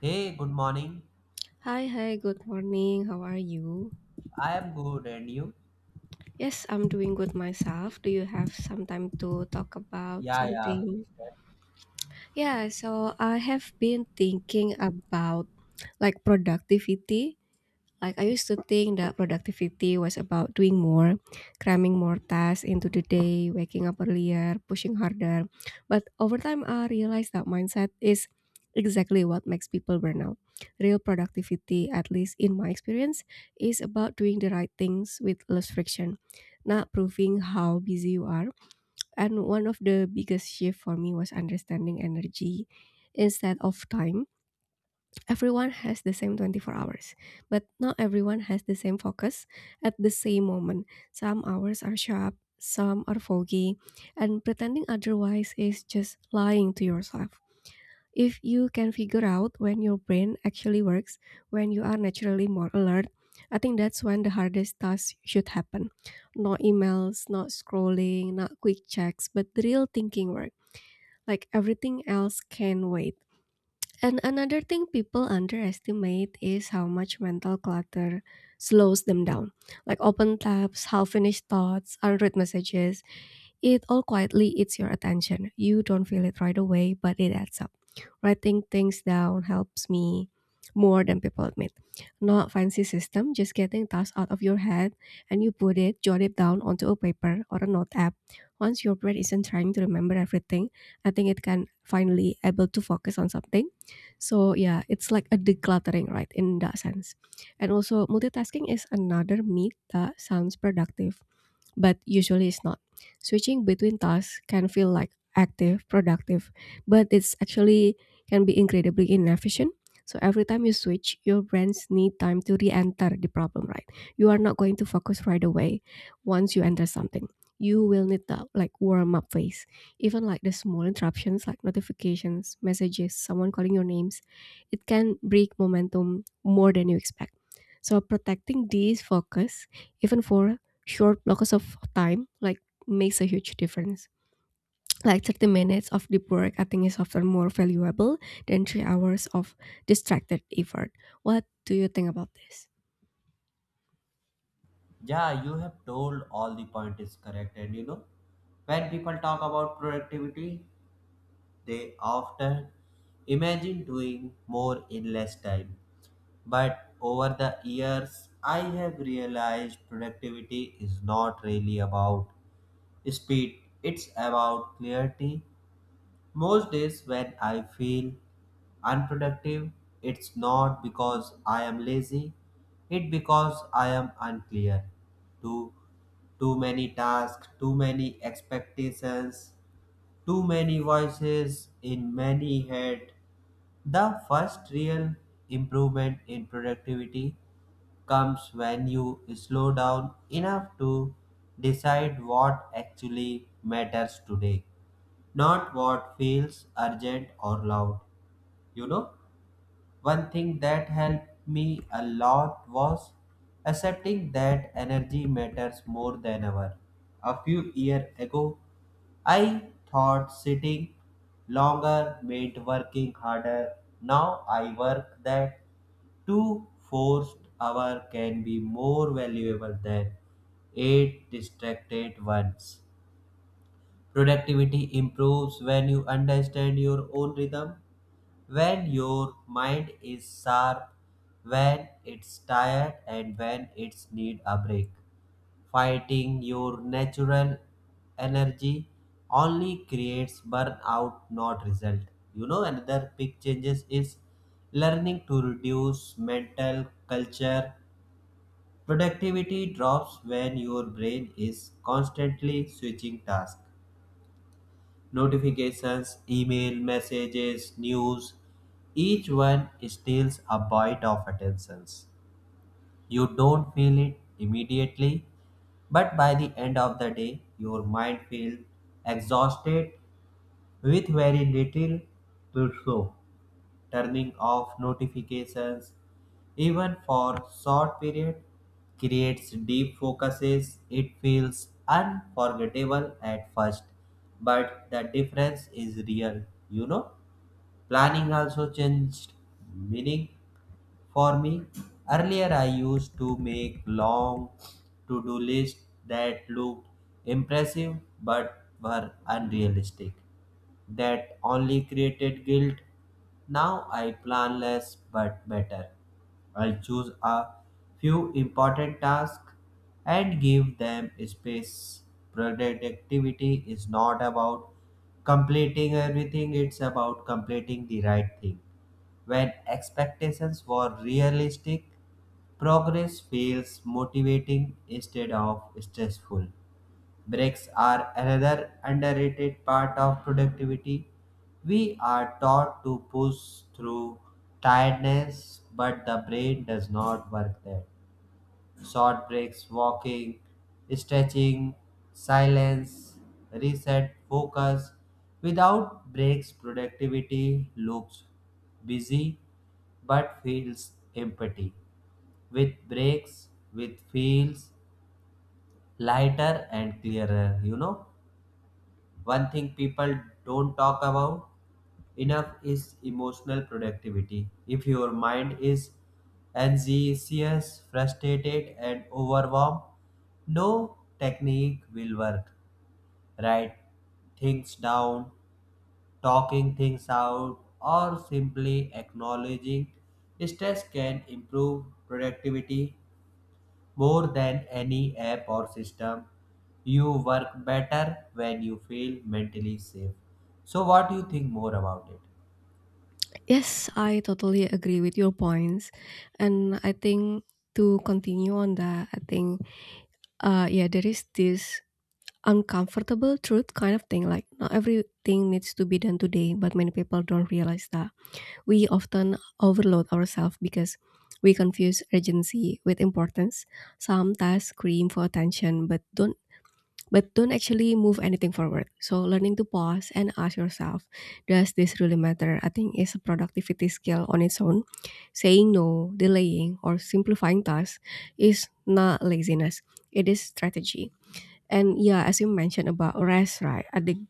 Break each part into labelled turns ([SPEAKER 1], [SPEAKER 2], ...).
[SPEAKER 1] Hey, good morning.
[SPEAKER 2] Hi, good morning. How are you?
[SPEAKER 1] I am good, and you?
[SPEAKER 2] Yes, I'm doing good myself. Do you have some time to talk about
[SPEAKER 1] Yeah, yeah,
[SPEAKER 2] something?
[SPEAKER 1] please tell.
[SPEAKER 2] Yeah, so I have been thinking about like productivity. Like I used to think that productivity was about doing more, cramming more tasks into the day, waking up earlier, pushing harder. But over time, I realized that mindset is exactly what makes people burn out. Real productivity, at least in my experience, is about doing the right things with less friction, not proving how busy you are. And one of the biggest shift for me was understanding energy instead of time. Everyone has the same 24 hours, but not everyone has the same focus at the same moment. Some hours are sharp, some are foggy, and pretending otherwise is just lying to yourself. If you can figure out when your brain actually works, when you are naturally more alert, I think that's when the hardest tasks should happen. No emails, not scrolling, not quick checks, but the real thinking work. Like everything else can wait. And another thing people underestimate is how much mental clutter slows them down. Like open tabs, half finished thoughts, unread messages, it all quietly eats your attention. You don't feel it right away, but it adds up. Writing things down helps me more than people admit. Not fancy system, just getting tasks out of your head and you put it, jot it down onto a paper or a note app. Once your brain isn't trying to remember everything, I think it can finally able to focus on something. So yeah, it's like a decluttering, right? In that sense. And also multitasking is another myth that sounds productive but usually it's not. Switching between tasks can feel like active, productive, but it's actually can be incredibly inefficient. So every time you switch, your brains need time to re-enter the problem, right? You are not going to focus right away once you enter something. You will need that like warm up phase. Even like the small interruptions like notifications, messages, someone calling your names, it can break momentum more than you expect. So protecting these focus, even for short blocks of time like makes a huge difference. Like 30 minutes of deep work, I think is often more valuable than 3 hours of distracted effort. What do you think about this?
[SPEAKER 1] Yeah, you have told all the point is correct, and you know, when people talk about productivity, they often imagine doing more in less time. But over the years, I have realized productivity is not really about speed; it's about clarity. Most days when I feel unproductive, it's not because I am lazy, it's because I am unclear. Too, too many tasks, too many expectations, too many voices in many head. The first real improvement in productivity comes when you slow down enough to decide what actually matters today, not what feels urgent or loud. You know? One thing that helped me a lot was accepting that energy matters more than ever. A few years ago, I thought sitting longer meant working harder. Now I work that two forced hour can be more valuable than eight distracted ones. Productivity improves when you understand your own rhythm, when your mind is sharp, when it's tired, and when it's need a break. Fighting your natural energy only creates burnout, not result. You know, another big changes is learning to reduce mental culture. Productivity drops when your brain is constantly switching tasks, notifications, email messages, news. Each one steals a bite of attention. You don't feel it immediately, but by the end of the day, your mind feels exhausted with very little to show. Turning off notifications, even for short period, creates deep focuses. It feels unforgettable at first, but the difference is real. You know, planning also changed meaning for me. Earlier, I used to make long to do lists that looked impressive but were unrealistic, that only created guilt. Now I plan less but better. I will choose a few important tasks and give them space. Productivity is not about completing everything, it's about completing the right thing. When expectations were realistic, progress feels motivating instead of stressful. Breaks are another underrated part of productivity. We are taught to push through tiredness, but the brain does not work that. Short breaks, walking, stretching, silence, reset, focus. Without breaks, productivity looks busy but feels empty. With breaks, with feels lighter and clearer. You know, one thing people don't talk about enough is emotional productivity. If your mind is anxious, frustrated, and overwhelmed, no technique will work. Write things down, talking things out, or simply acknowledging stress can improve productivity more than any app or system. You work better when you feel mentally safe. So, what do you think more about it?
[SPEAKER 2] Yes, I totally agree with your points. And I think to continue on that, I think, yeah, there is this uncomfortable truth kind of thing. Like, not everything needs to be done today, but many people don't realize that. We often overload ourselves because we confuse urgency with importance. Some tasks scream for attention but don't actually move anything forward. So learning to pause and ask yourself, does this really matter? I think is a productivity skill on its own. Saying no, delaying, or simplifying tasks is not laziness. It is strategy. And yeah, as you mentioned about rest, right? I think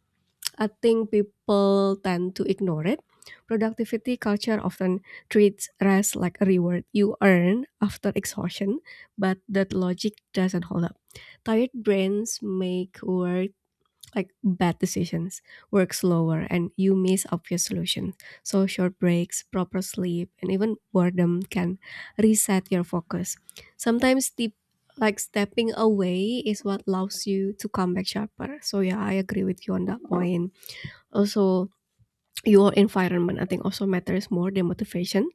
[SPEAKER 2] I think people tend to ignore it. Productivity culture often treats rest like a reward you earn after exhaustion, but that logic doesn't hold up. Tired brains make work like bad decisions, work slower, and you miss obvious solutions. So short breaks, proper sleep, and even boredom can reset your focus. Sometimes the like stepping away is what allows you to come back sharper. So yeah, I agree with you on that point. Also, your environment, I think, also matters more than motivation.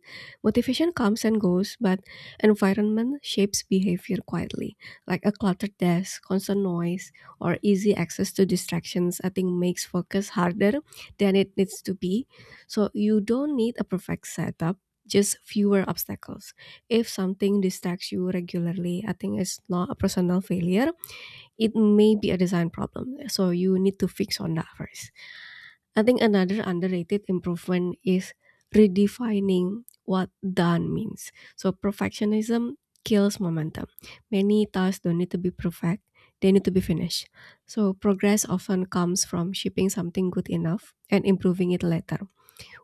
[SPEAKER 2] Motivation comes and goes, but environment shapes behavior quietly. Like a cluttered desk, constant noise, or easy access to distractions, I think, makes focus harder than it needs to be. So you don't need a perfect setup, just fewer obstacles. If something distracts you regularly, I think it's not a personal failure, it may be a design problem, so you need to fix on that first. I think another underrated improvement is redefining what done means. So perfectionism kills momentum. Many tasks don't need to be perfect, they need to be finished. So progress often comes from shipping something good enough and improving it later.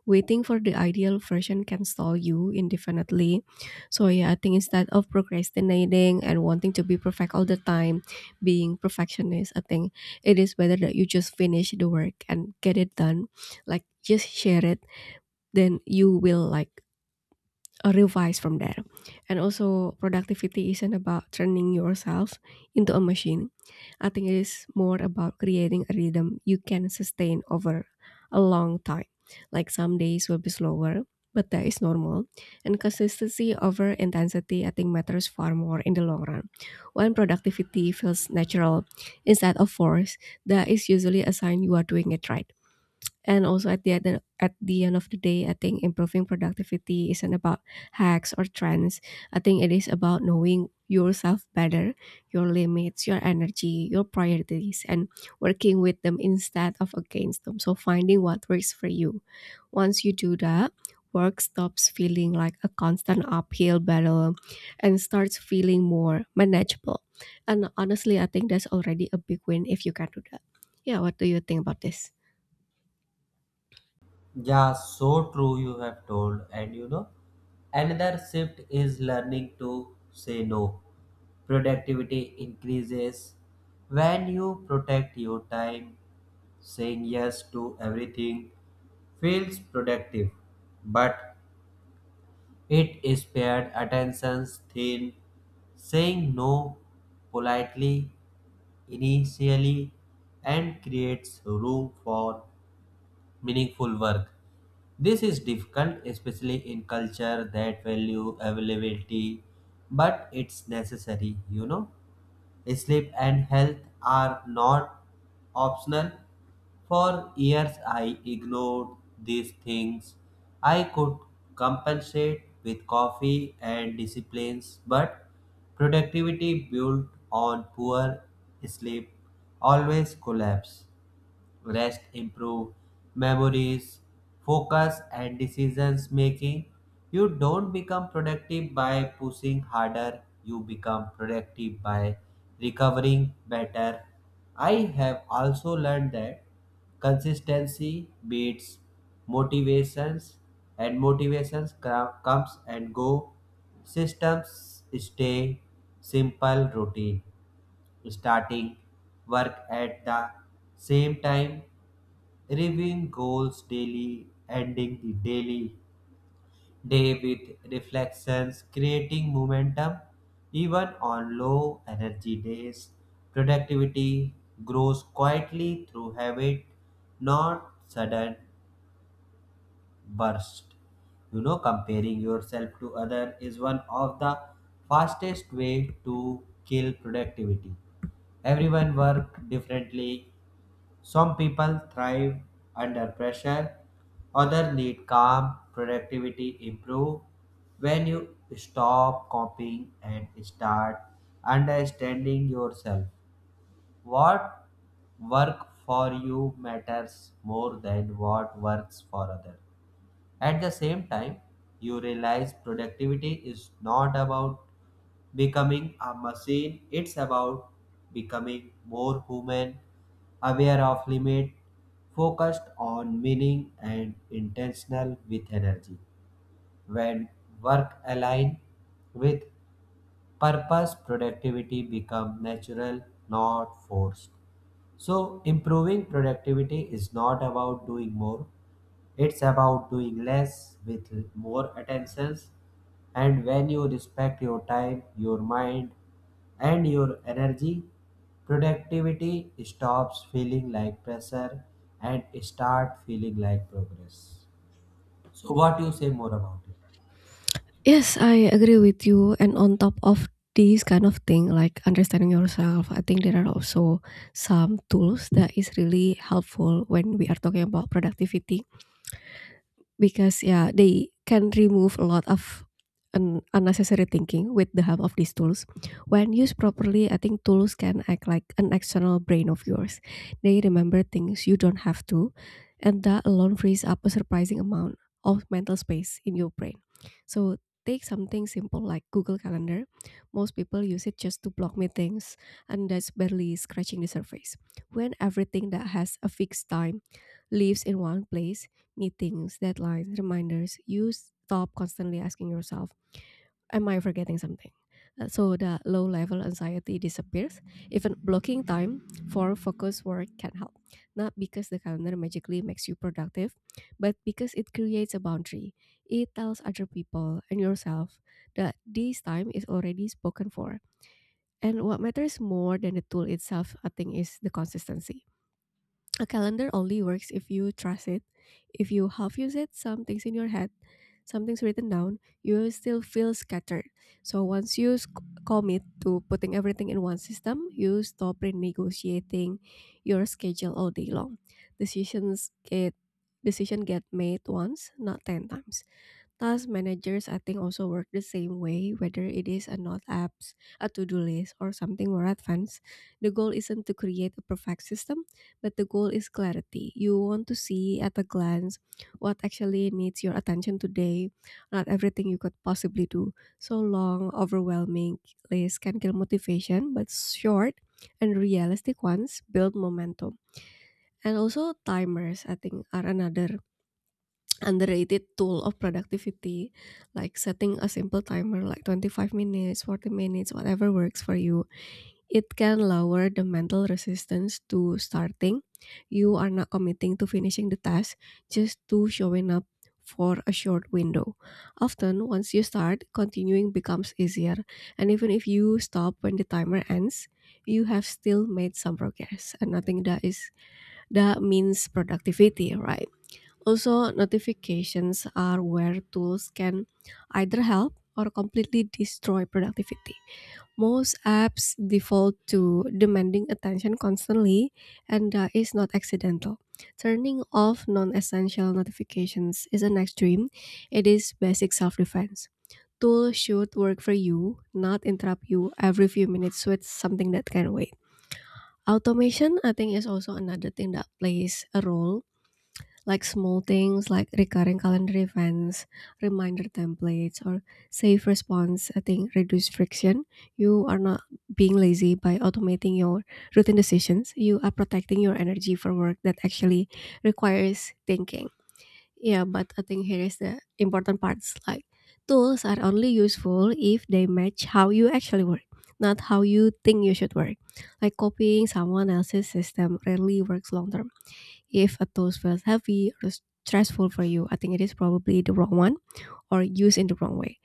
[SPEAKER 2] Waiting for the ideal version can stall you indefinitely. So yeah, I think instead of procrastinating and wanting to be perfect all the time, being perfectionist, I think it is better that you just finish the work and get it done. Like just share it, then you will like or revise from there. And also, productivity isn't about turning yourself into a machine. I think it is more about creating a rhythm you can sustain over a long time. Like some days will be slower, but that is normal. And consistency over intensity, I think, matters far more in the long run. When productivity feels natural instead of forced, that is usually a sign you are doing it right. And also at the end of the day, I think improving productivity isn't about hacks or trends. I think it is about knowing yourself better, your limits, your energy, your priorities, and working with them instead of against them. So finding what works for you. Once you do that, work stops feeling like a constant uphill battle and starts feeling more manageable. And honestly, I think that's already a big win if you can do that. Yeah, what do you think about this?
[SPEAKER 1] Yeah, so true you have told. And you know, another shift is learning to say no. Productivity increases when you protect your time, saying yes to everything feels productive, but it is spared attention's thin. Saying no politely initially and creates room for meaningful work. This is difficult, especially in culture that value availability, but it's necessary. Sleep and health are not optional. For years, I ignored these things. I could compensate with coffee and disciplines, but productivity built on poor sleep always collapse rest improve memories, focus and decisions making. You don't become productive by pushing harder, you become productive by recovering better. I have also learned that consistency beats motivations, and motivations comes and go, systems stay simple routine, starting work at the same time, reviewing goals daily, ending the daily day with reflections, creating momentum even on low energy days. Productivity grows quietly through habit, not sudden burst. You know, comparing yourself to other is one of the fastest way to kill productivity. Everyone work differently, some people thrive under pressure, others need calm, productivity improve when you stop copying and start understanding yourself. What work for you matters more than what works for others. At the same time, you realize productivity is not about becoming a machine. It's about becoming more human, aware of limit, focused on meaning and intentional with energy. When work align with purpose, productivity become natural, not forced. So improving productivity is not about doing more. It's about doing less with more attentions. And when you respect your time, your mind, and your energy, productivity stops feeling like pressure and start feeling like progress. So what you say more about it?
[SPEAKER 2] Yes, I agree with you. And on top of this kind of thing, like understanding yourself, I think there are also some tools that is really helpful when we are talking about productivity, because yeah they can remove a lot of unnecessary thinking. With the help of these tools, when used properly, I think tools can act like an external brain of yours. They remember things you don't have to, and that alone frees up a surprising amount of mental space in your brain. So take something simple like Google Calendar. Most people use it just to block meetings, and that's barely scratching the surface. When everything that has a fixed time lives in one place, meetings, deadlines, reminders, you stop constantly asking yourself, am I forgetting something? So the low level anxiety disappears. Even blocking time for focus work can help. Not because the calendar magically makes you productive, but because it creates a boundary. It tells other people and yourself that this time is already spoken for. And what matters more than the tool itself, I think, is the consistency. A calendar only works if you trust it. If you half use it, some things in your head, something's written down, you will still feel scattered. So once you commit to putting everything in one system, you stop renegotiating your schedule all day long. Decisions get decision get made once, not 10 times. Task managers, I think, also work the same way, whether it is a note apps, a to-do list, or something more advanced. The goal isn't to create a perfect system, but the goal is clarity. You want to see at a glance what actually needs your attention today, not everything you could possibly do. So long, overwhelming lists can kill motivation, but short and realistic ones build momentum. And also timers, I think, are another underrated tool of productivity, like setting a simple timer like 25 minutes, 40 minutes, whatever works for you. It can lower the mental resistance to starting. You are not committing to finishing the task, just to showing up for a short window. Often, once you start, continuing becomes easier. And even if you stop when the timer ends, you have still made some progress. And I think that is that means productivity, right? Also, notifications are where tools can either help or completely destroy productivity. Most apps default to demanding attention constantly, and that is not accidental. Turning off non essential notifications is an extreme, it is basic self defense. Tools should work for you, not interrupt you every few minutes with something that can wait. Automation, I think, is also another thing that plays a role, like small things like recurring calendar events, reminder templates, or safe response, I think reduce friction. You are not being lazy by automating your routine decisions. You are protecting your energy for work that actually requires thinking. Yeah, but I think here is the important parts like tools are only useful if they match how you actually work, not how you think you should work. Like copying someone else's system rarely works long term. If a tool feels heavy or stressful for you, I think it is probably the wrong one or used in the wrong way.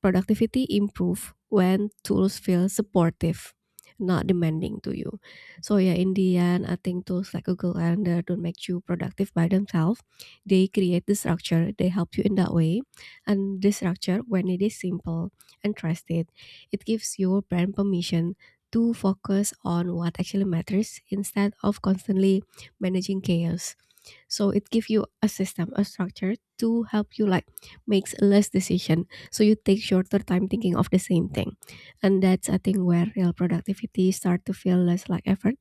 [SPEAKER 2] Productivity improve when tools feel supportive, not demanding to you. So yeah, in the end, I think tools like Google Calendar don't make you productive by themselves. They create the structure, they help you in that way. And the structure, when it is simple and trusted, it gives your brain permission to focus on what actually matters instead of constantly managing chaos. So it gives you a system, a structure to help you, like makes less decision, so you take shorter time thinking of the same thing. And that's, I think, where real productivity start to feel less like effort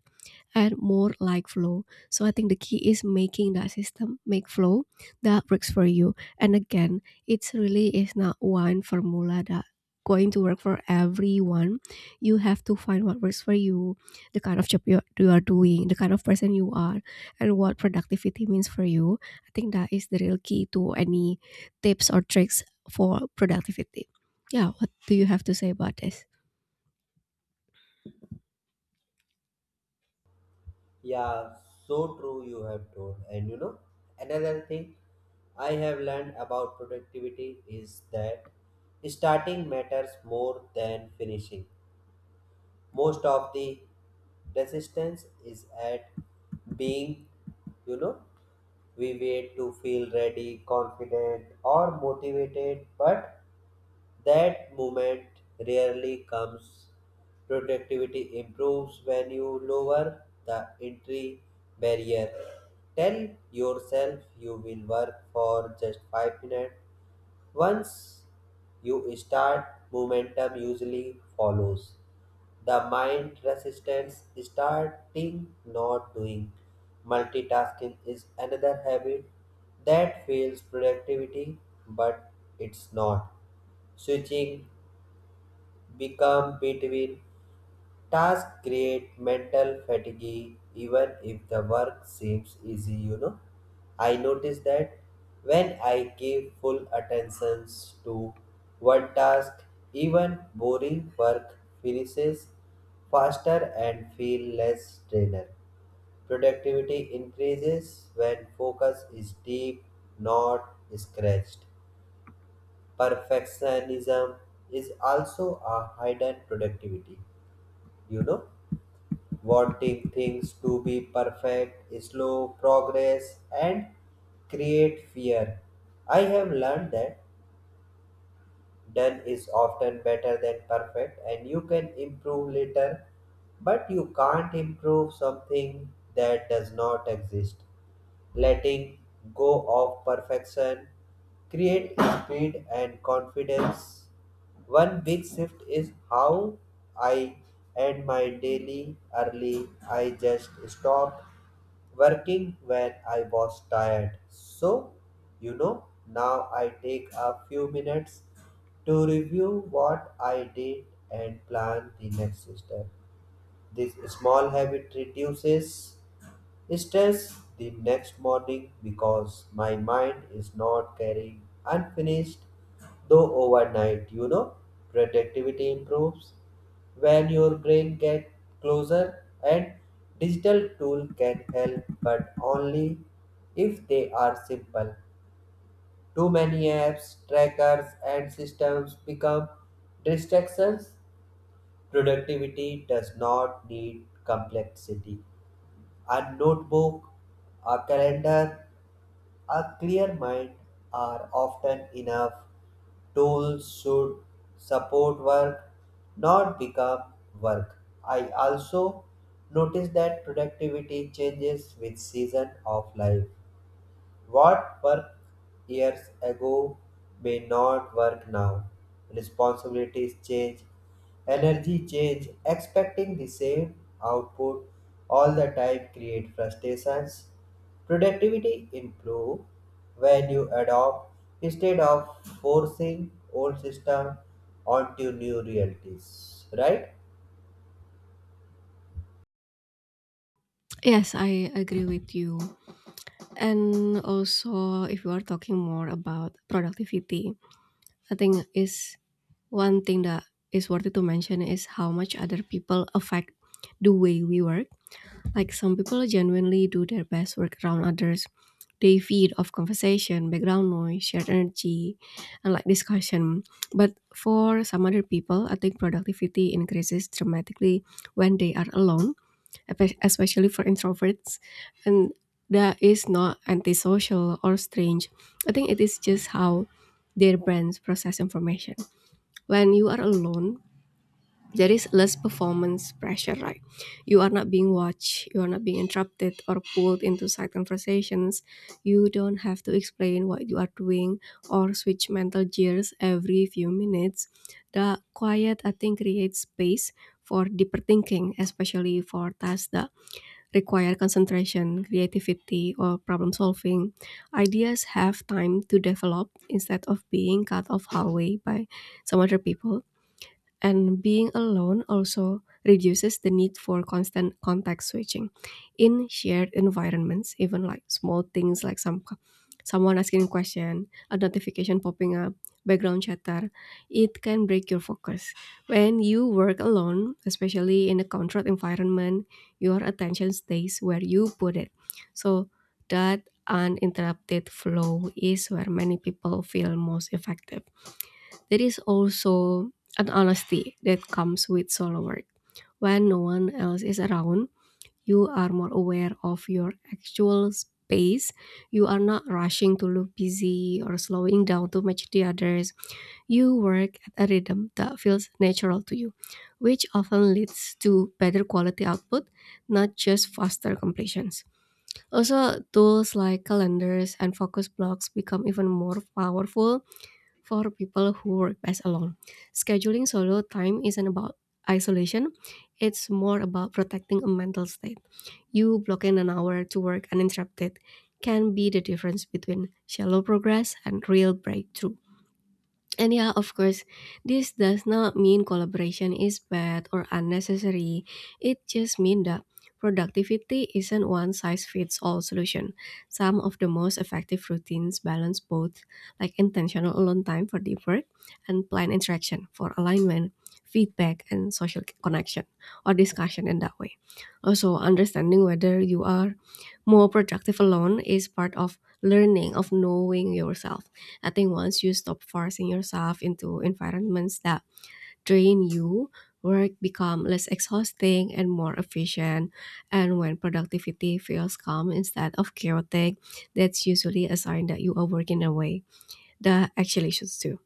[SPEAKER 2] and more like flow. So I think the key is making that system make flow that works for you. And again, it's really is not one formula that going to work for everyone. You have to find what works for you, the kind of job you are doing, the kind of person you are, and what productivity means for you. I think that is the real key to any tips or tricks for productivity. Yeah, what do you have to say about this?
[SPEAKER 1] Yeah, so true you have told. And you know, another thing I have learned about productivity is that starting matters more than finishing. Most of the resistance is at being, you know, we wait to feel ready, confident or motivated, but that moment rarely comes. Productivity improves when you lower the entry barrier, tell yourself you will work for just 5 minutes. Once you start, momentum usually follows. The mind resistance starting not doing multitasking is another habit that fails productivity, but it's not. Switching become between tasks create mental fatigue even if the work seems easy, you know. I notice that when I give full attention to one task, even boring work finishes faster and feel less drained. Productivity increases when focus is deep, not scratched. Perfectionism is also a hidden productivity, you know, wanting things to be perfect, slow progress, and create fear. I have learned that done is often better than perfect, and you can improve later, but you can't improve something that does not exist, letting go of perfection, create speed and confidence. One big shift is how I end my daily early. I just stop working when I was tired. So, you know, now I take a few minutes to review what I did and plan the next step. This small habit reduces stress the next morning because my mind is not carrying unfinished though overnight, you know, productivity improves when your brain gets closer, and digital tool can help but only if they are simple. Too many apps, trackers and systems become distractions. Productivity does not need complexity. A notebook, a calendar, a clear mind are often enough. Tools should support work, not become work. I also notice that productivity changes with season of life. What worked years ago may not work now. Responsibilities change, energy change, expecting the same output all the time create frustrations. Productivity improve when you adopt instead of forcing old system onto new realities, right?
[SPEAKER 2] Yes, I agree with you. And also, if you are talking more about productivity, I think is one thing that is worthy to mention is how much other people affect the way we work. Like some people genuinely do their best work around others. They feed off conversation, background noise, shared energy, and like discussion. But for some other people, I think productivity increases dramatically when they are alone, especially for introverts. And that is not antisocial or strange. I think it is just how their brains process information. When you are alone, there is less performance pressure, right? You are not being watched, you are not being interrupted or pulled into side conversations, you don't have to explain what you are doing or switch mental gears every few minutes. The quiet, I think, creates space for deeper thinking, especially for tasks that require concentration, creativity, or problem solving. Ideas have time to develop instead of being cut off halfway by some other people. And being alone also reduces the need for constant contact switching in shared environments. Even like small things, like someone asking a question, a notification popping up, background chatter, it can break your focus. When you work alone, especially in a controlled environment, your attention stays where you put it. So that uninterrupted flow is where many people feel most effective. There is also an honesty that comes with solo work. When no one else is around, you are more aware of your actual space. You are not rushing to look busy or slowing down to match the others. You work at a rhythm that feels natural to you, which often leads to better quality output, not just faster completions. Also, tools like calendars and focus blocks become even more powerful for people who work best alone. Scheduling solo time isn't about isolation, it's more about protecting a mental state. You blocking an hour to work uninterrupted can be the difference between shallow progress and real breakthrough. And yeah, of course, this does not mean collaboration is bad or unnecessary. It just means that productivity isn't one size fits all solution. Some of the most effective routines balance both, like intentional alone time for deep work and planned interaction for alignment, feedback, and social connection or discussion in that way. Also, understanding whether you are more productive alone is part of learning of knowing yourself. I think once you stop forcing yourself into environments that drain you, work become less exhausting and more efficient. And when productivity feels calm instead of chaotic, that's usually a sign that you are working away the actuations too.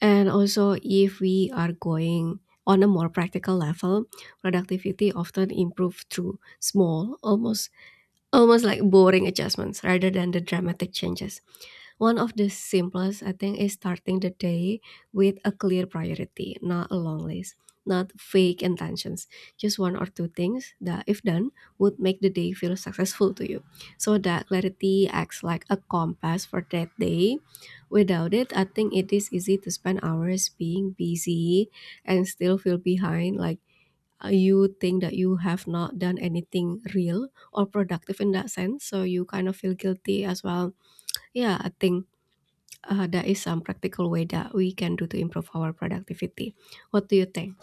[SPEAKER 2] And also, if we are going on a more practical level, productivity often improves through small, almost like boring adjustments rather than the dramatic changes. One of the simplest, I think, is starting the day with a clear priority, not a long list, not fake intentions. Just one or two things that, if done, would make the day feel successful to you. So that clarity acts like a compass for that day. Without it, I think it is easy to spend hours being busy and still feel behind. Like you think that you have not done anything real or productive in that sense. So you kind of feel guilty as well. Yeah, I think there is some practical way that we can do to improve our productivity. What do you think?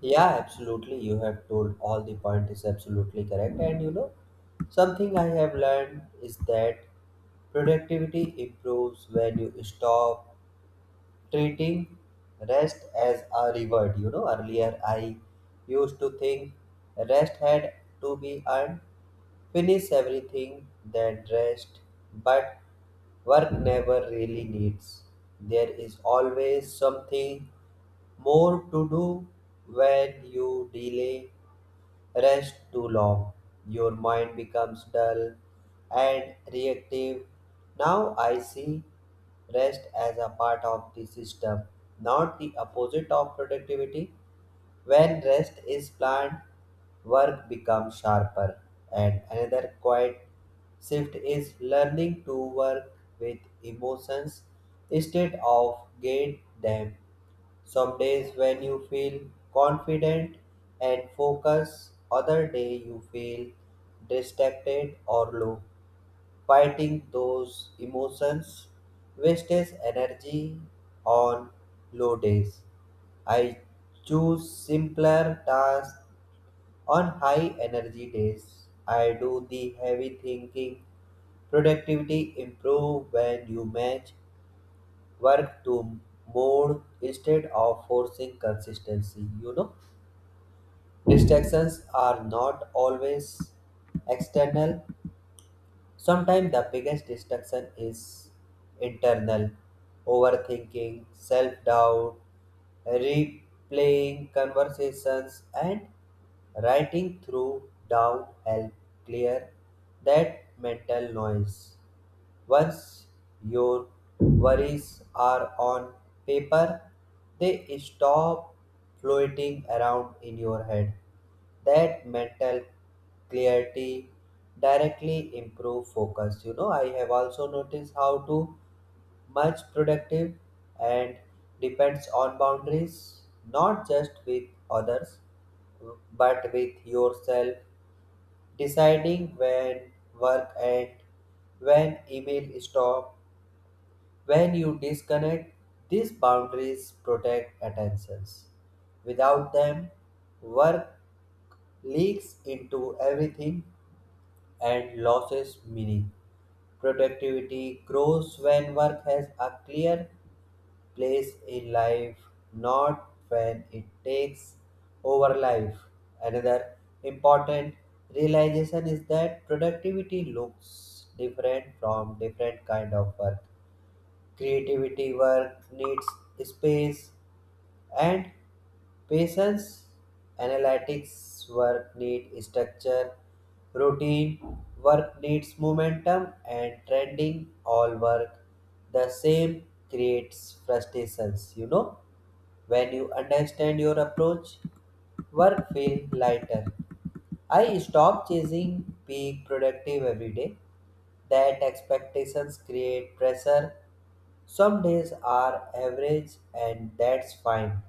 [SPEAKER 1] Yeah, absolutely. You have told all the point is absolutely correct, and you know, something I have learned is that productivity improves when you stop treating rest as a reward. You know, earlier I used to think rest had to be earned, finish everything, then rest. But work never really needs. There is always something more to do. When you delay rest too long, your mind becomes dull and reactive. Now I see rest as a part of the system, not the opposite of productivity. When rest is planned, work becomes sharper. And another quiet shift is learning to work with emotions instead of gain them. Some days when you feel confident and focused, other day you feel distracted or low. Fighting those emotions wastes energy. On low days, I choose simpler tasks. On high energy days, I do the heavy thinking. Productivity improve when you match work to more instead of forcing consistency. You know, distractions are not always external. Sometimes the biggest distraction is internal, overthinking, self doubt, replaying conversations, and writing through down help clear that mental noise. Once your worries are on paper, they stop floating around in your head. That mental clarity directly improve focus. You know, I have also noticed how to much productive and depends on boundaries, not just with others, but with yourself, deciding when work and when email stop, when you disconnect, these boundaries protect attentions. Without them, work leaks into everything and loses meaning. Productivity grows when work has a clear place in life, not when it takes over life. Another important realization is that productivity looks different from different kind of work. Creativity work needs space and patience. Analytics work needs structure. Routine work needs momentum and trending all work the same creates frustrations, you know. When you understand your approach, work feels lighter. I stop chasing being productive every day. That expectations create pressure. Some days are average and that's fine.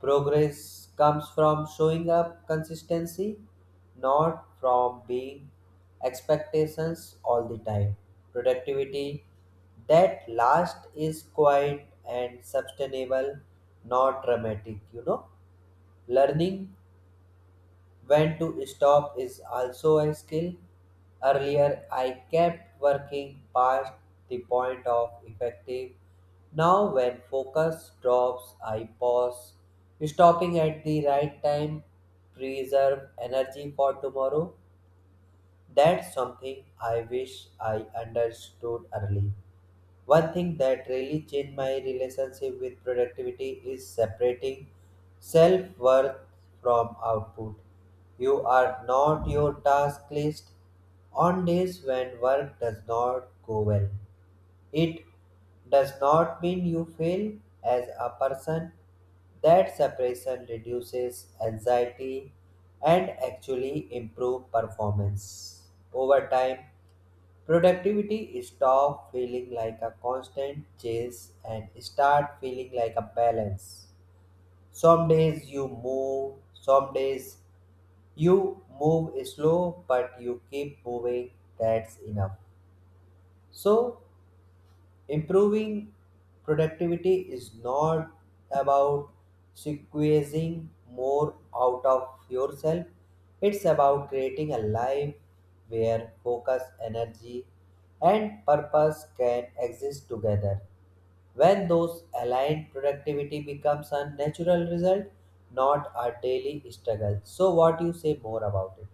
[SPEAKER 1] Progress comes from showing up consistency, not from being expectations all the time. Productivity that last is quiet and sustainable, not dramatic, you know. Learning when to stop is also a skill. Earlier, I kept working past the point of effective. Now, when focus drops, I pause. Stopping at the right time preserve energy for tomorrow. That's something I wish I understood early. One thing that really changed my relationship with productivity is separating self worth from output. You are not your task list. On days when work does not go well, it does not mean you fail as a person. That separation reduces anxiety and actually improves performance over time. Productivity stop feeling like a constant chase and start feeling like a balance. Some days you move, some days you move slow, but you keep moving, that's enough. So improving productivity is not about squeezing more out of yourself. It's about creating a life where focus, energy, and purpose can exist together. When those align, productivity becomes a natural result, not a daily struggle. So, what you say more about it?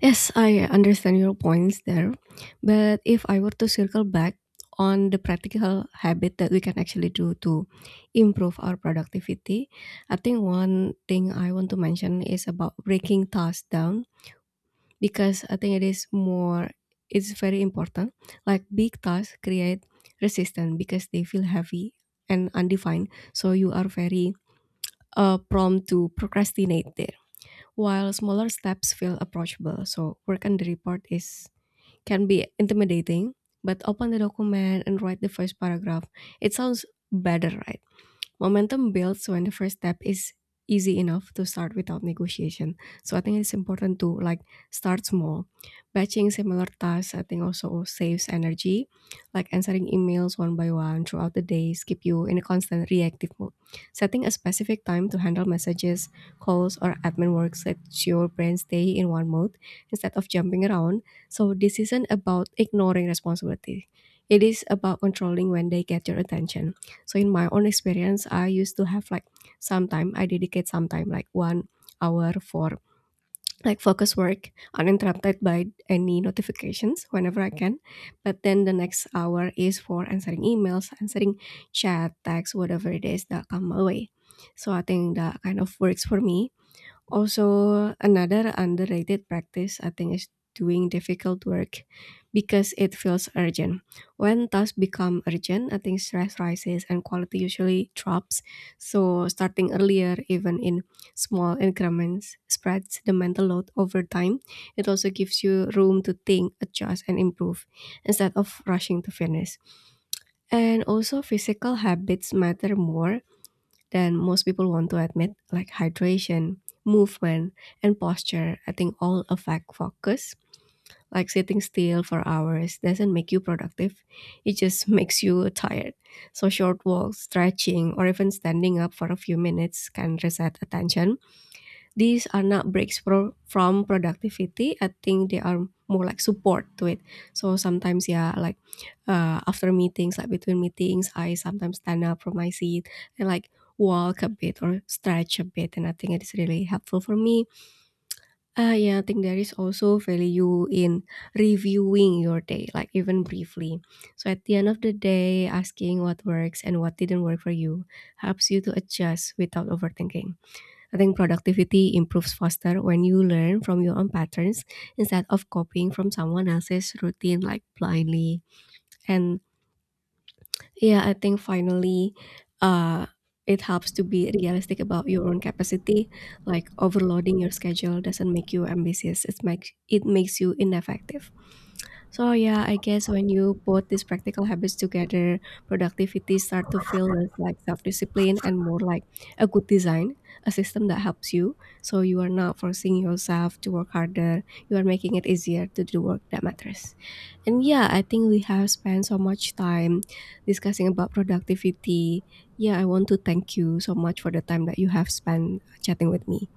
[SPEAKER 2] Yes, I understand your points there. But if I were to circle back on the practical habit that we can actually do to improve our productivity, I think one thing I want to mention is about breaking tasks down, because I think it is more it's very important. Like big tasks create resistance because they feel heavy and undefined. So you are very prompt to procrastinate there, while smaller steps feel approachable. So work on the report is can be intimidating, but open the document and write the first paragraph. It sounds better, right? Momentum builds when the first step is easy enough to start without negotiation. So I think it's important to like start small. Batching similar tasks, I think, also saves energy. Like answering emails one by one throughout the days keep you in a constant reactive mode. Setting a specific time to handle messages, calls, or admin work lets your brain stay in one mode instead of jumping around. So this isn't about ignoring responsibility. It is about controlling when they get your attention. So in my own experience, I used to have like some time, I dedicate some time, like 1 hour for like focus work uninterrupted by any notifications whenever I can. But then the next hour is for answering emails, answering chat, text, whatever it is that come my way. So I think that kind of works for me. Also, another underrated practice, I think, is doing difficult work because it feels urgent. When tasks become urgent, I think stress rises and quality usually drops. So, starting earlier, even in small increments, spreads the mental load over time. It also gives you room to think, adjust, and improve instead of rushing to finish. And also, physical habits matter more than most people want to admit, like hydration, movement, and posture, I think all affect focus. Like sitting still for hours doesn't make you productive, it just makes you tired. So, short walks, stretching, or even standing up for a few minutes can reset attention. These are not breaks from productivity. I think they are more like support to it. So sometimes, yeah, like after meetings, like between meetings, I sometimes stand up from my seat and like walk a bit or stretch a bit. And I think it is really helpful for me. Yeah, I think there is also value in reviewing your day, like even briefly. So at the end of the day, asking what works and what didn't work for you helps you to adjust without overthinking. I think productivity improves faster when you learn from your own patterns instead of copying from someone else's routine like blindly. And yeah, I think finally, uh, it helps to be realistic about your own capacity. Like overloading your schedule doesn't make you ambitious; it makes you ineffective. So yeah, I guess when you put these practical habits together, productivity start to feel less like self-discipline and more like a good design, a system that helps you. So you are not forcing yourself to work harder. You are making it easier to do work that matters. And yeah, I think we have spent so much time discussing about productivity. Yeah, I want to thank you so much for the time that you have spent chatting with me.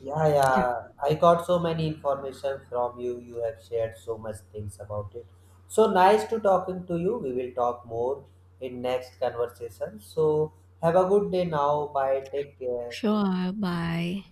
[SPEAKER 1] Yeah,
[SPEAKER 2] Yeah.
[SPEAKER 1] yeah. I got so many information from you. You have shared so much things about it. So nice to talking to you. We will talk more in next conversation. So have a good day now. Bye. Take care.
[SPEAKER 2] Sure. Bye.